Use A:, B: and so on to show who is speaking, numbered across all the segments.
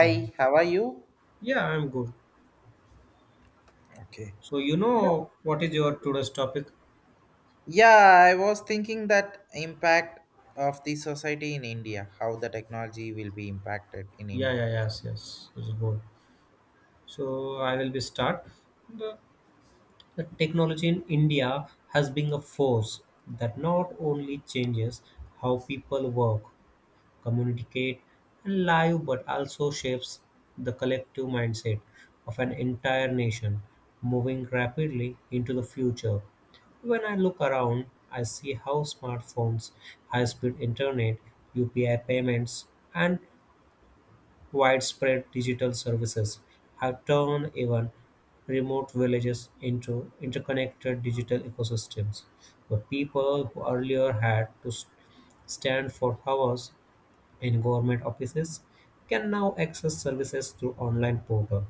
A: Yeah.
B: how are you?
A: Yeah, I'm good.
B: Okay.
A: So you
B: You know,
A: know what is your today's topic?
B: yeah, I was thinking that impact of the society in India, how the technology will be impacted in
A: Yeah,
B: India.
A: yeah, yes, yes. It's good. So I will be start. The, the technology in India has been a force that not only changes how people work communicate, and live, but also shapes the collective mindset of an entire nation moving rapidly into the future. When I look around, I see how smartphones, high speed internet, UPI payments, and widespread digital services have turned even remote villages into interconnected digital ecosystems. The people who earlier had to stand for hours in government offices can now access services through online portal.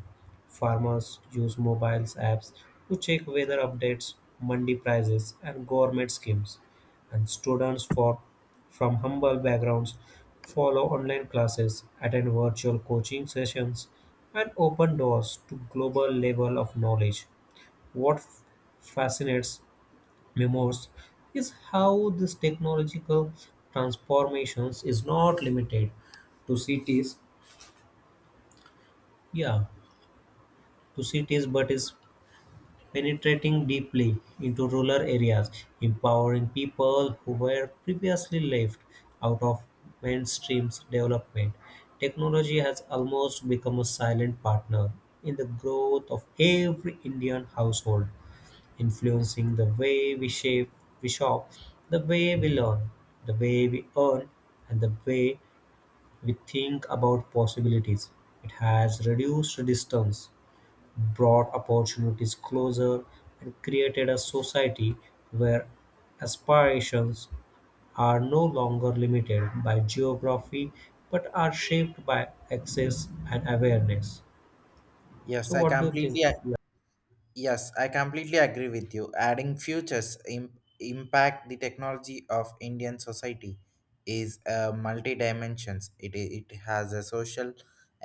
A: Farmers use mobile apps to check weather updates, mandi prices, and government schemes. And from humble backgrounds follow online classes, attend virtual coaching sessions, and open doors to global level of knowledge. What fascinates memoirs is how this technological transformations is not limited to cities yeah to cities but is penetrating deeply into rural areas empowering people who were previously left out of mainstream's development technology has almost become a silent partner in the growth of every indian household influencing the way we shape, we shop, the way we learn, the way we earn, and the way we think about possibilities. It has reduced distance, brought opportunities closer, and created a society where aspirations are no longer limited by geography but are shaped by access and awareness.
B: Yes,
A: So,
B: I
A: what do you think?
B: completely ag- yes, I completely agree with you. Adding futures impact the technology of Indian society is multi dimensions. It has a social,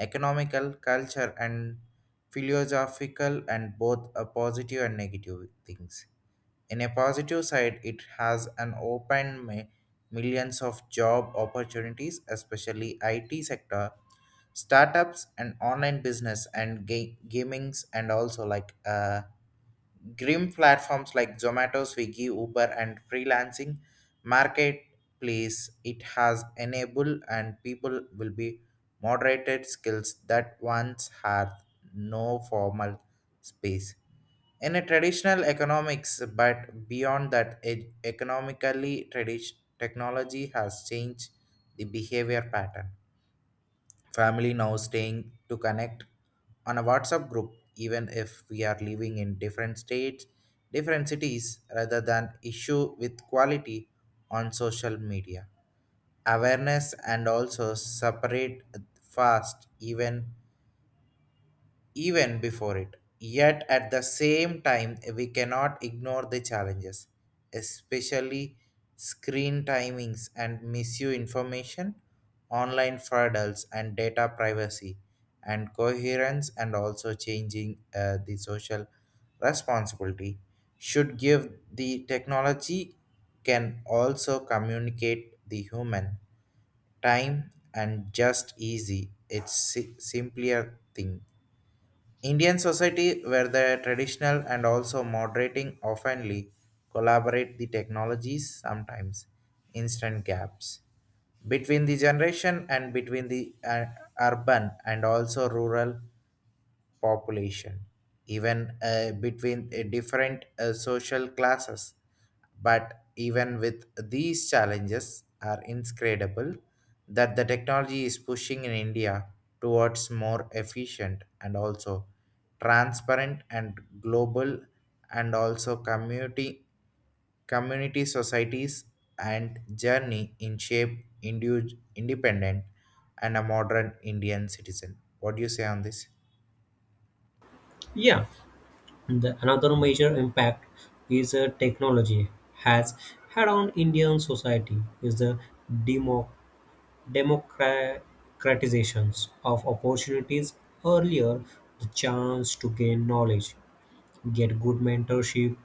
B: economical, culture and philosophical and both a positive and negative things. In a positive side, it has an millions of job opportunities, especially IT sector, startups and online business and gamings and also like grim platforms like Zomato, Swiggy, Uber and freelancing marketplace. It has enabled and people will be moderated skills that once had no formal space in a traditional economics, but beyond that economically tradition technology has changed the behavior pattern, family now staying to connect on a WhatsApp group even if we are living in different states, different cities rather than issue with quality on social media awareness and also separate fast even before it. Yet at the same time, we cannot ignore the challenges, especially screen timings and misuse information, online fraudulence and data privacy, and coherence, and also changing the social responsibility should give the technology can also communicate the human time and just easy it's simpler thing. Indian society where the traditional and also moderating oftenly collaborate the technologies sometimes instant gaps between the generation and between the urban and also rural population, even between different social classes. But even with these challenges, are incredible that the technology is pushing in India towards more efficient and also transparent and global and also community societies and journey in shape independent and a modern Indian citizen. What do you say on this?
A: Yeah, the another major impact is technology has had on Indian society is the demo, democratization of opportunities. Earlier, the chance to gain knowledge get good mentorship,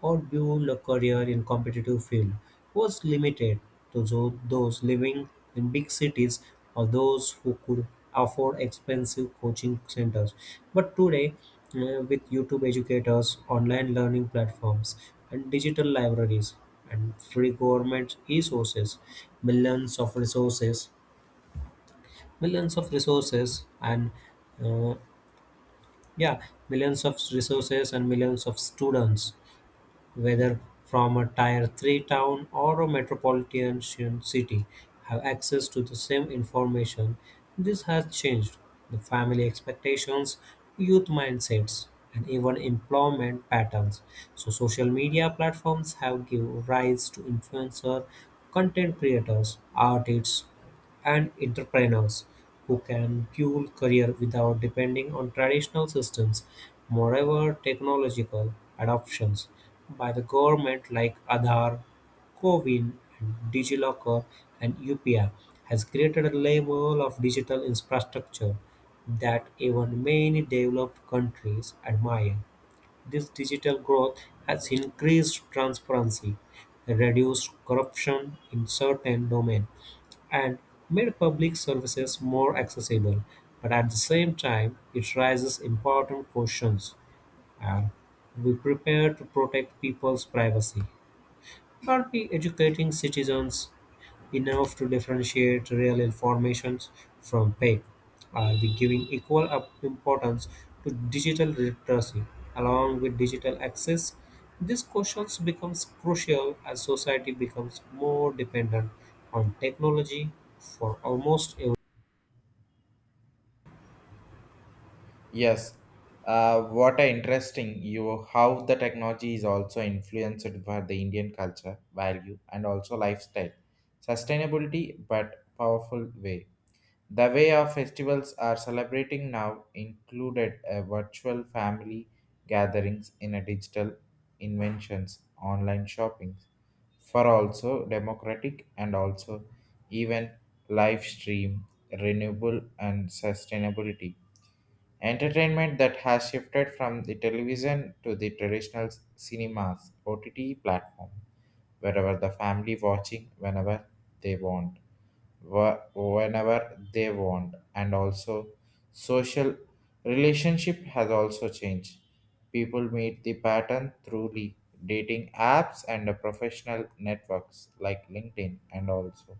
A: or build a career in competitive field was limited to those living in big cities or those who could afford expensive coaching centers. But today, with YouTube educators, online learning platforms, and digital libraries and free government resources, millions of resources, millions of resources, and uh, yeah, millions of resources and millions of students whether from a Tier Three town or a metropolitan city, have access to the same information. This has changed the family expectations, youth mindsets, and even employment patterns. So, social media platforms have given rise to influencer content creators, artists, and entrepreneurs who can fuel career without depending on traditional systems. Moreover, technological adoptions by the government like Aadhaar, Covin, DigiLocker, and UPI has created a level of digital infrastructure that even many developed countries admire. This digital growth has increased transparency, reduced corruption in certain domains, and made public services more accessible, but at the same time, it raises important questions. Are we prepared to protect people's privacy? Are we educating citizens enough to differentiate real informations from fake. Are we giving equal importance to digital literacy along with digital access? These questions becomes crucial as society becomes more dependent on technology for almost every.
B: Yes, what a interesting you how the technology is also influenced by the Indian culture, value, and also lifestyle, sustainability, but powerful way. The way our festivals are celebrating now included a virtual family gatherings in a digital inventions, online shopping, for also democratic and also even live stream renewable and sustainability. Entertainment that has shifted from the television to the traditional cinemas, OTT platform, wherever the family watching whenever they want, whenever they want, and also social relationship has also changed. People meet the pattern through the dating apps and the professional networks like LinkedIn and also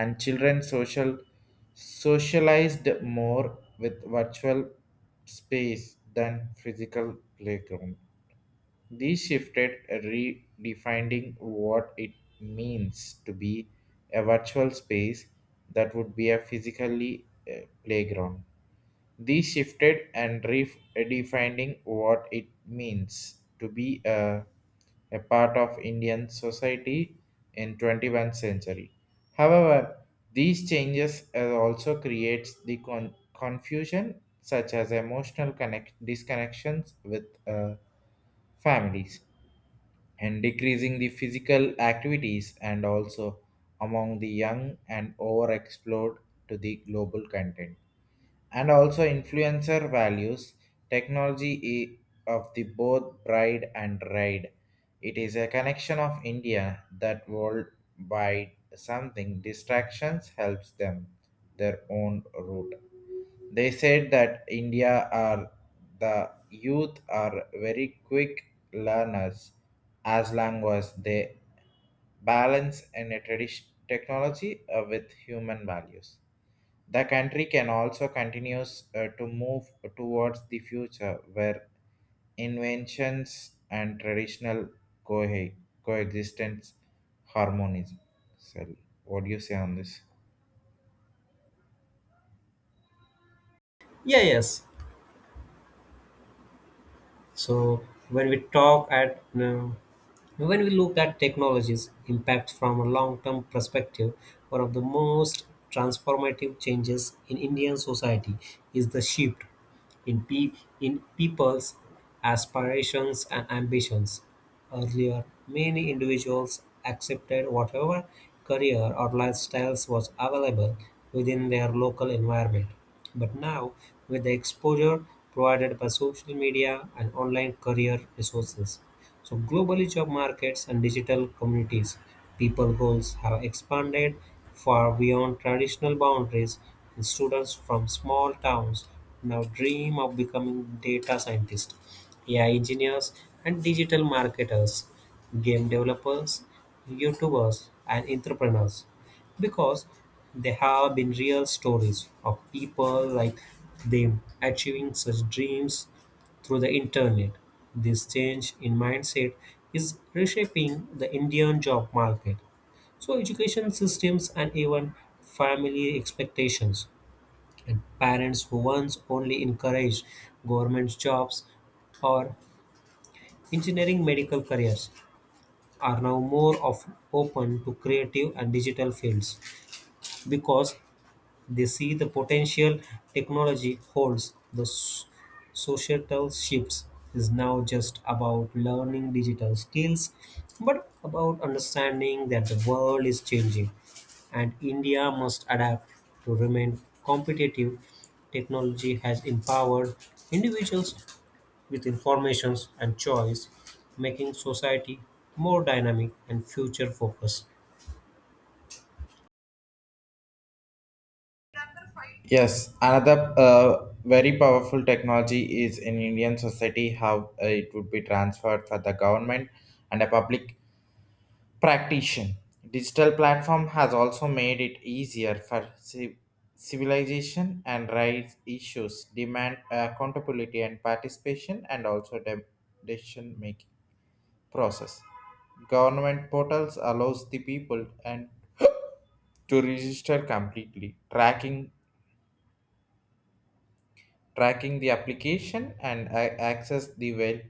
B: and children socialized more with virtual space than physical playground. These shifted redefining what it means to be a virtual space that would be a physically playground. These shifted and redefining what it means to be a part of Indian society in 21st century. However, these changes also creates the confusion such as emotional disconnections with families and decreasing the physical activities and also among the young and overexplored to the global content and also influencer values technology of the both bride and ride. It is a connection of India that world by something distractions helps them their own route. They said that India are the youth are very quick learners as long as they balance in a tradition technology with human values. The country can also continues to move towards the future where inventions and traditional co- coexistence harmonies. So, what do you say on this?
A: Yeah, yes. So when we look at technology's impact from a long-term perspective, one of the most transformative changes in Indian society is the shift in people's aspirations and ambitions. Earlier, many individuals accepted whatever career or lifestyles was available within their local environment. But now, with the exposure provided by social media and online career resources, so globally, job markets and digital communities, people goals have expanded far beyond traditional boundaries, and students from small towns now dream of becoming data scientists, AI engineers, and digital marketers, game developers, YouTubers, and entrepreneurs because they have been real stories of people like them achieving such dreams through the internet. This change in mindset is reshaping the Indian job market. So education systems and even family expectations and parents who once only encouraged government jobs or engineering medical careers are now more of open to creative and digital fields because they see the potential technology holds. The societal shifts is now just about learning digital skills, but about understanding that the world is changing and India must adapt to remain competitive. Technology has empowered individuals with information and choice, making society more dynamic and future focused.
B: Yes, another very powerful technology is in Indian society how it would be transferred for the government and a public practitioner. Digital platform has also made it easier for civilization and rights issues demand accountability and participation and also decision making process. Government portals allows the people and to register completely, tracking the application and access the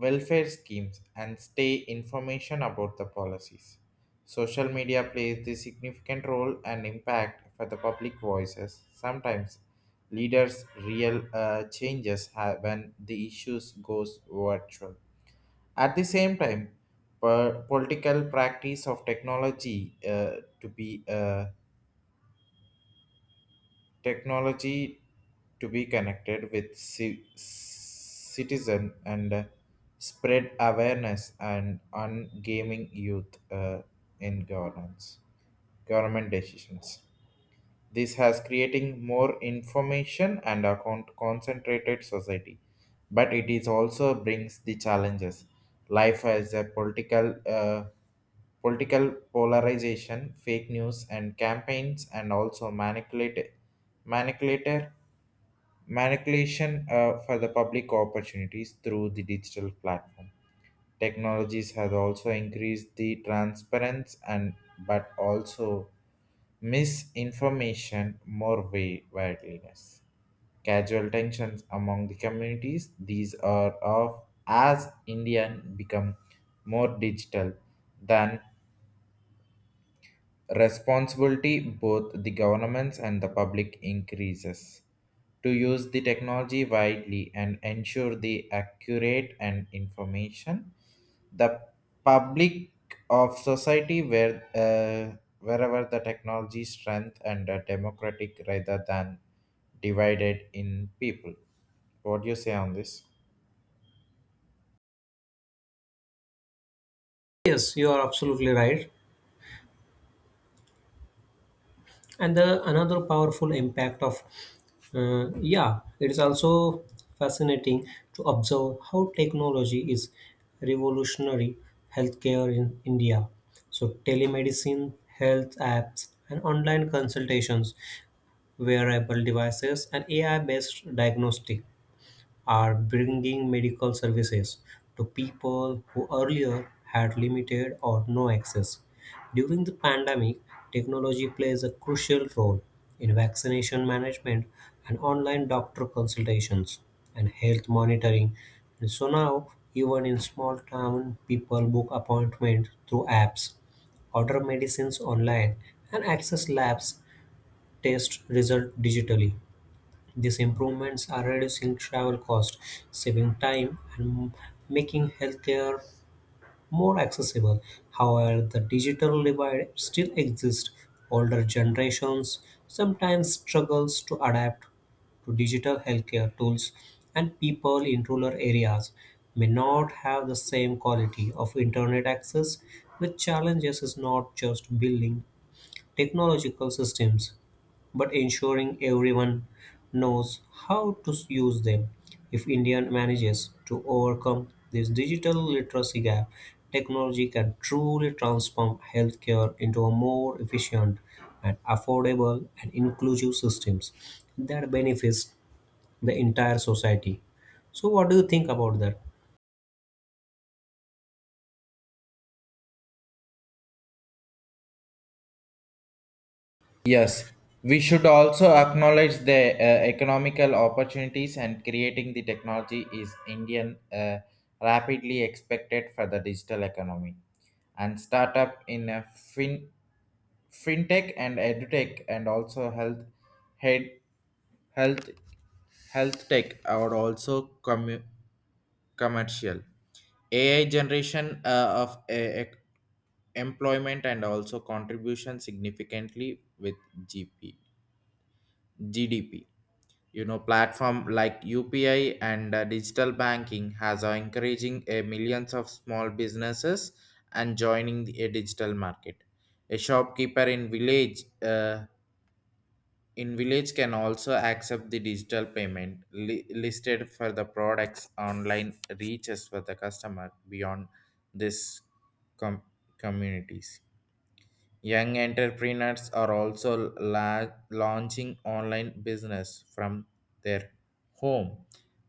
B: welfare schemes and stay information about the policies. Social media plays the significant role and impact for the public voices. Sometimes leaders real changes when the issues goes virtual. At the same time, political practice of technology to be technology to be connected with citizen and spread awareness and on gaming youth in governance government decisions, this has creating more information and a concentrated society, but it is also brings the challenges. Life as a political polarization, fake news, and campaigns, and also manipulate manipulator manipulation for the public opportunities through the digital platform. Technologies have also increased the transparency and but also misinformation more way widliness. Casual tensions among the communities, these are of as Indian become more digital than responsibility both the governments and the public increases to use the technology widely and ensure the accurate and information the public of society where uh, wherever the technology strength and democratic rather than divided in people. What do you say on this?
A: Yes, you are absolutely right. And the another powerful impact of uh, yeah it is also fascinating to observe how technology is revolutionary healthcare in india so telemedicine health apps and online consultations wearable devices and ai based diagnostic are bringing medical services to people who earlier had limited or no access. During the pandemic, technology plays a crucial role in vaccination management and online doctor consultations and health monitoring. And so now, even in small town, people book appointments through apps, order medicines online, and access labs test result digitally. These improvements are reducing travel costs, saving time, and making healthcare more accessible. However, the digital divide still exists. Older generations sometimes struggles to adapt to digital healthcare tools, and people in rural areas may not have the same quality of internet access, the challenges is not just building technological systems but ensuring everyone knows how to use them. If India manages to overcome this digital literacy gap, technology can truly transform healthcare into a more efficient and affordable and inclusive systems that benefits the entire society. So what do you think about that?
B: Yes, we should also acknowledge the economical opportunities and creating the technology is Indian rapidly expected for the digital economy and startup in a fintech and edutech and also health head health health tech are also commercial AI generation employment and also contribution significantly with GP. GDP. You know, platform like UPI and digital banking has are encouraging a millions of small businesses and joining a digital market. A shopkeeper in village can also accept the digital payment listed for the products online reaches for the customer beyond this com- communities. Young entrepreneurs are also launching online business from their home,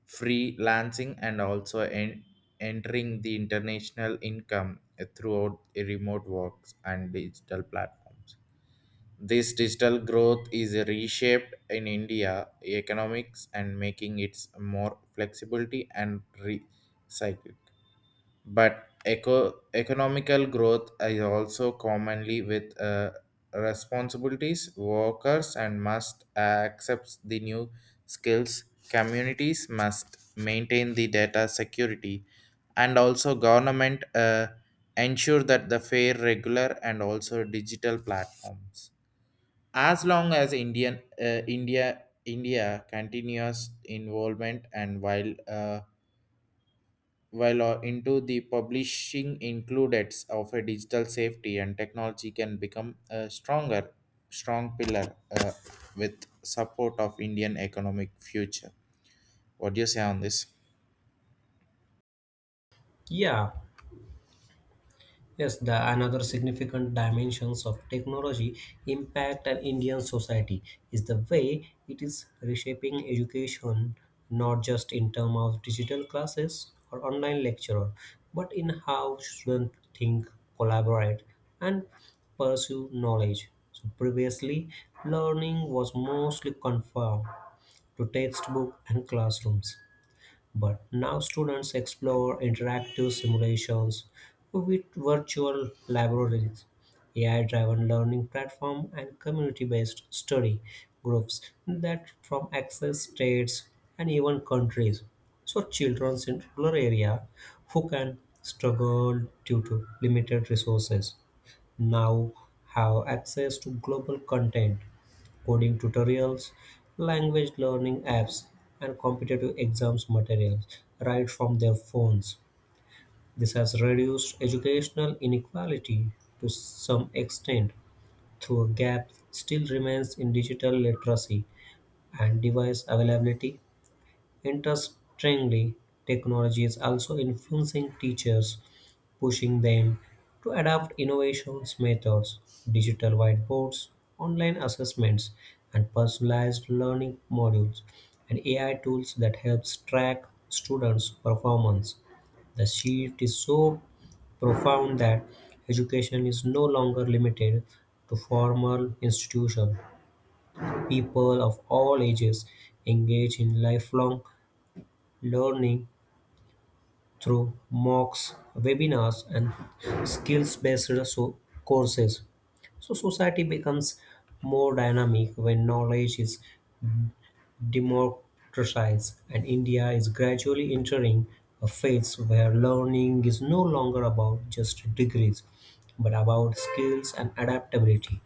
B: freelancing and also entering the international income throughout remote works and digital platforms. This digital growth is reshaped in India economics and making it more flexibility and recycled, but economical growth is also commonly with responsibilities workers and must accept the new skills, communities must maintain the data security and also government ensure that the fair regular and also digital platforms as long as india continuous involvement and while into the publishing included of a digital safety and technology can become a strong pillar with support of indian economic future. What do you say on this?
A: Yeah. Yes, the another significant dimensions of technology impact on Indian society is the way it is reshaping education, not just in terms of digital classes or online lecturer, but in how students think, collaborate, and pursue knowledge. So previously, learning was mostly confined to textbook and classrooms. But now students explore interactive simulations with virtual laboratories, AI driven learning platform, and community based study groups that from access states and even countries. So, children in rural area who can struggle due to limited resources now have access to global content coding tutorials, language learning apps, and competitive exams materials right from their phones. This has reduced educational inequality to some extent, though a gap still remains in digital literacy and device availability. Interestingly, technology is also influencing teachers pushing them to adopt innovations methods, digital whiteboards, online assessments, and personalized learning modules, and AI tools that helps track students' performance. The shift is so profound that education is no longer limited to formal institutions. People of all ages engage in lifelong learning through mocks, webinars, and skills-based so- courses. So society becomes more dynamic when knowledge is democratized, and India is gradually entering a phase where learning is no longer about just degrees, but about skills and adaptability.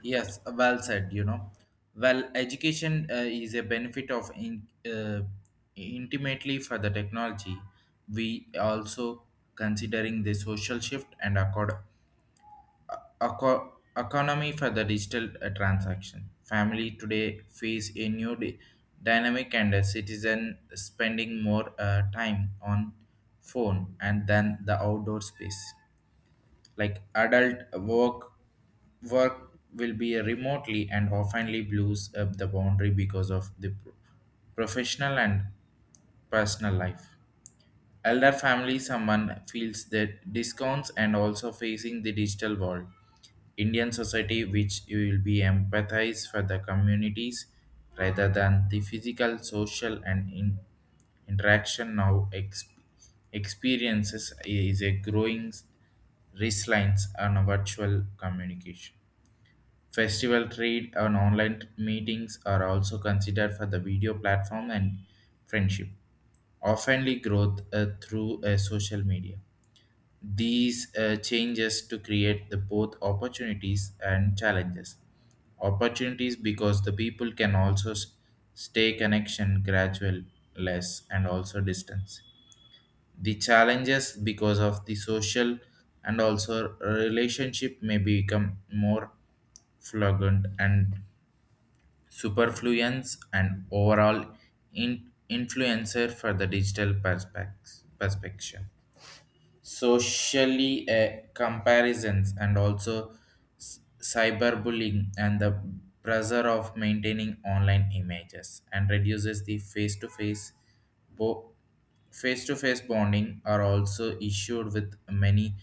B: Yes, well said, you know. Well, education is a benefit of intimately for the technology. We also considering the social shift and accord economy for the digital transaction. Family today face a new dynamic and a citizen spending more time on phone and than the outdoor space. Like work will be remotely and oftenly blows up the boundary because of the professional and personal life elder family someone feels that discounts and also facing the digital world, indian society which you will be empathize for the communities rather than the physical social and interaction now experiences is a growing risk lines on virtual communication festival trade and online meetings are also considered for the video platform and friendship oftenly growth through social media. These changes to create the both opportunities and challenges. Opportunities because the people can also stay connection gradual less and also distance. The challenges because of the social and also relationship may become more fluent and superfluence and overall influencer for the digital perspective socially comparisons and also cyberbullying and the pressure of maintaining online images and reduces the bo- face-to-face bonding are also issued with many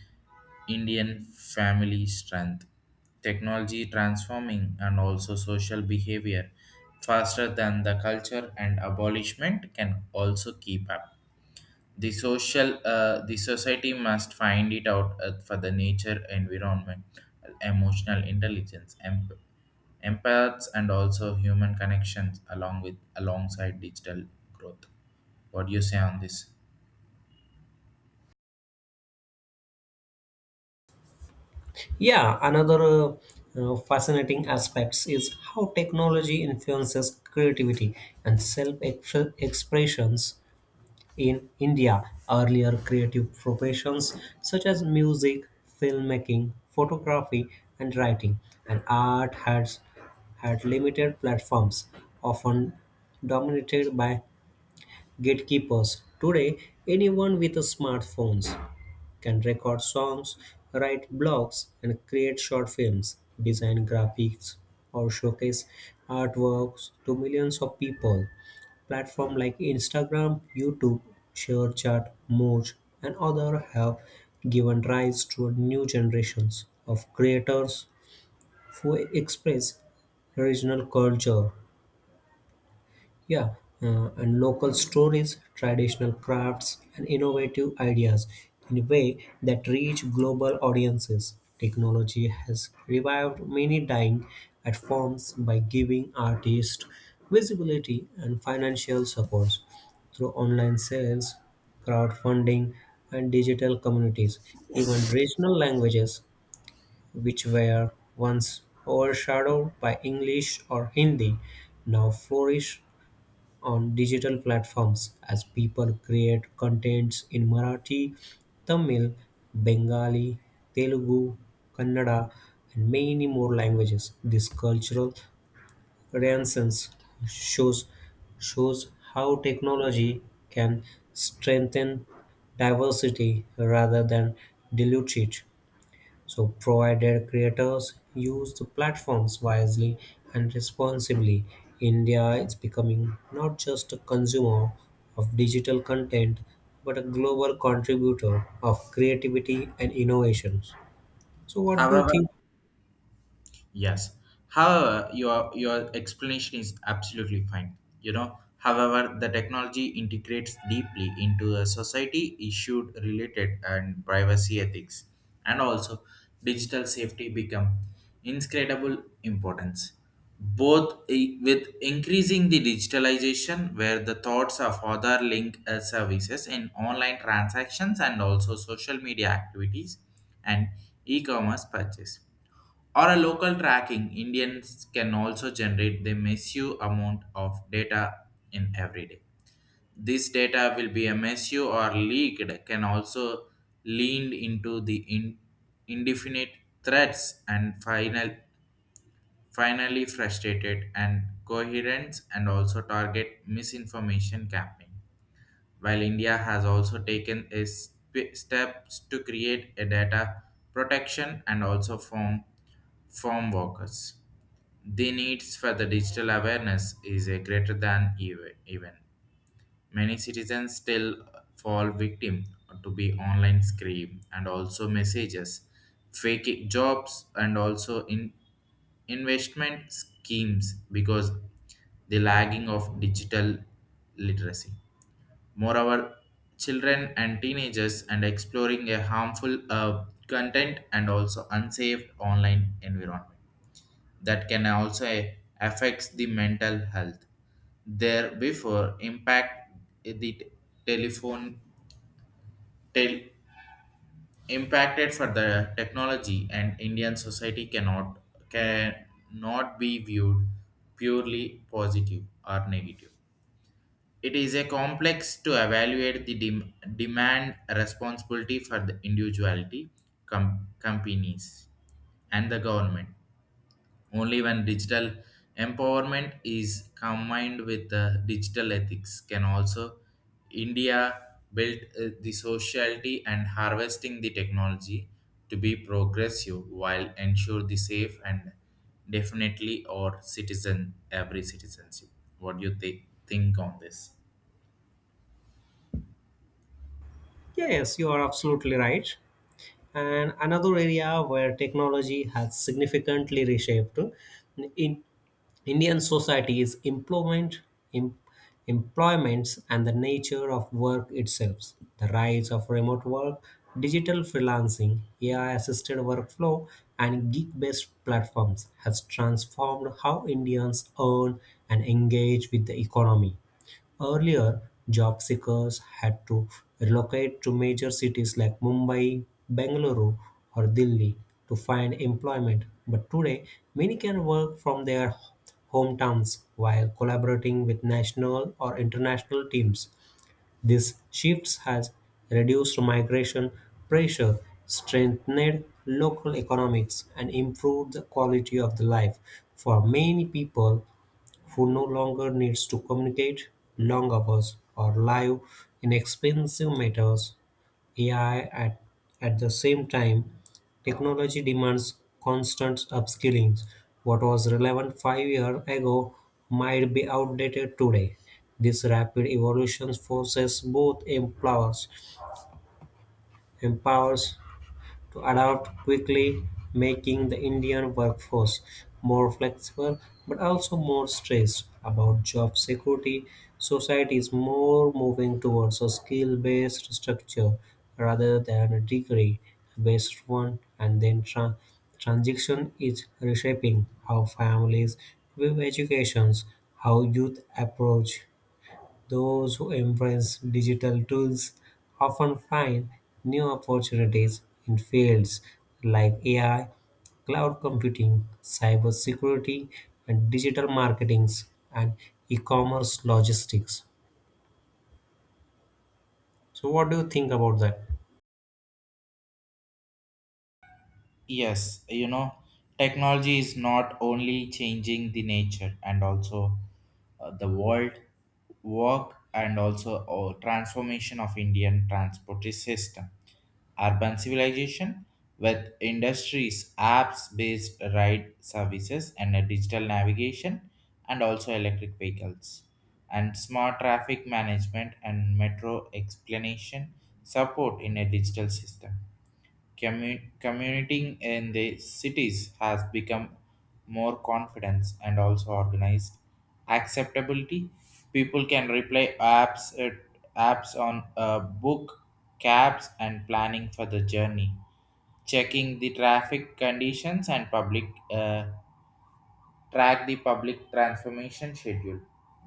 B: indian family strength technology transforming and also social behavior faster than the culture and abolishment can also keep up the social the society must find it out for the nature environment emotional intelligence empaths and also human connections along with alongside digital growth. What do you say on this?
A: Yeah, another fascinating aspects is how technology influences creativity and self expressions In India, earlier creative professions such as music, filmmaking, photography, and writing, and art had limited platforms, often dominated by gatekeepers. Today, anyone with a smartphone can record songs, write blogs, and create short films, design graphics, or showcase artworks to millions of people. Platforms like Instagram, YouTube, ShareChat, Moz, and others have given rise to new generations of creators who express regional culture yeah, and local stories, traditional crafts, and innovative ideas in a way that reach global audiences. Technology has revived many dying art forms by giving artists visibility and financial support through online sales, crowdfunding, and digital communities. Even regional languages, which were once overshadowed by English or Hindi, now flourish on digital platforms as people create contents in Marathi, Tamil, Bengali, Telugu, Kannada, and many more languages. This cultural renaissance shows shows how technology can strengthen diversity rather than dilute it. So, provided creators use the platforms wisely and responsibly, India is becoming not just a consumer of digital content but a global contributor of creativity and innovations. So, what do you
B: However,
A: think?
B: Yes. However, your explanation is absolutely fine. You know, however, the technology integrates deeply into the society issued related and privacy ethics, and also digital safety become inscrutable importance. Both with increasing the digitalization, where the thoughts of other link services in online transactions and also social media activities and e-commerce purchase or a local tracking, Indians can also generate the massive amount of data in every day. This data will be a massive or leaked can also lean into the indefinite threats and finally frustrated and coherence and also target misinformation campaign. While India has also taken a steps to create a data protection and also form workers. The needs for the digital awareness is a greater than even. Many citizens still fall victim to be online scream and also messages, fake jobs and also in investment schemes because the lagging of digital literacy. Moreover, children and teenagers and exploring a harmful content and also unsafe online environment that can also affects the mental health. There before impact the telephone tel- impacted for the technology and Indian society cannot be viewed purely positive or negative. It is a complex to evaluate the demand responsibility for the individuality, companies, and the government. Only when digital empowerment is combined with digital ethics can also India build the sociality and harvesting the technology to be progressive while ensure the safe and definitely or citizen every citizenship. What do you think on this?
A: Yeah, yes, you are absolutely right. And another area where technology has significantly reshaped in Indian society is employment, em- employments, and the nature of work itself. The rise of remote work, digital freelancing, AI-assisted workflow, and gig-based platforms has transformed how Indians earn and engage with the economy. Earlier, job seekers had to relocate to major cities like Mumbai, Bengaluru, or Delhi to find employment. But today, many can work from their hometowns while collaborating with national or international teams. This shift has reduced migration pressure, strengthened local economics, and improved the quality of the life for many people who no longer needs to communicate long hours or live inexpensive matters AI at the same time, technology demands constant upskilling. What was relevant 5 years ago might be outdated today. This rapid evolution forces both employers empowers to adapt quickly, making the Indian workforce more flexible but also more stressed about job security. Society is more moving towards a skill based structure rather than a degree based one, and then transition is reshaping how families view educations, how youth approach those who embrace digital tools often find new opportunities in fields like AI, cloud computing, cybersecurity, and digital marketing and e-commerce logistics. So, what do you think about that?
B: Yes, you know, technology is not only changing the nature and also the world work and also transformation of Indian transport system. Urban civilization with industries, apps based ride services and a digital navigation and also electric vehicles and smart traffic management and metro explanation support in a digital system. Commuting in the cities has become more confidence and also organized acceptability, people can reply apps on book cabs and planning for the journey checking the traffic conditions and public uh, track the public transformation schedule.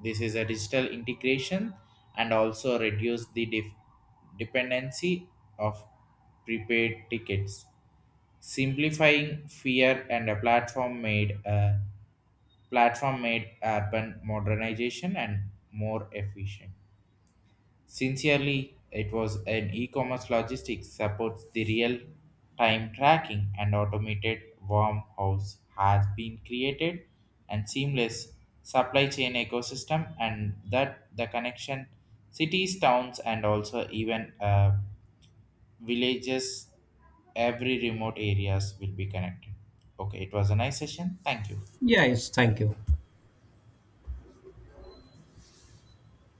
B: This is a digital integration and also reduce the dependency of prepaid tickets. Simplifying fear and a platform made urban modernization and more efficient. Sincerely, it was an e-commerce logistics supports the real-time tracking and automated warmhouse has been created and seamless supply chain ecosystem and that the connection cities, towns and also even villages, every remote areas will be connected. Okay, it was a nice session. Thank you.
A: Yeah, yes, thank you.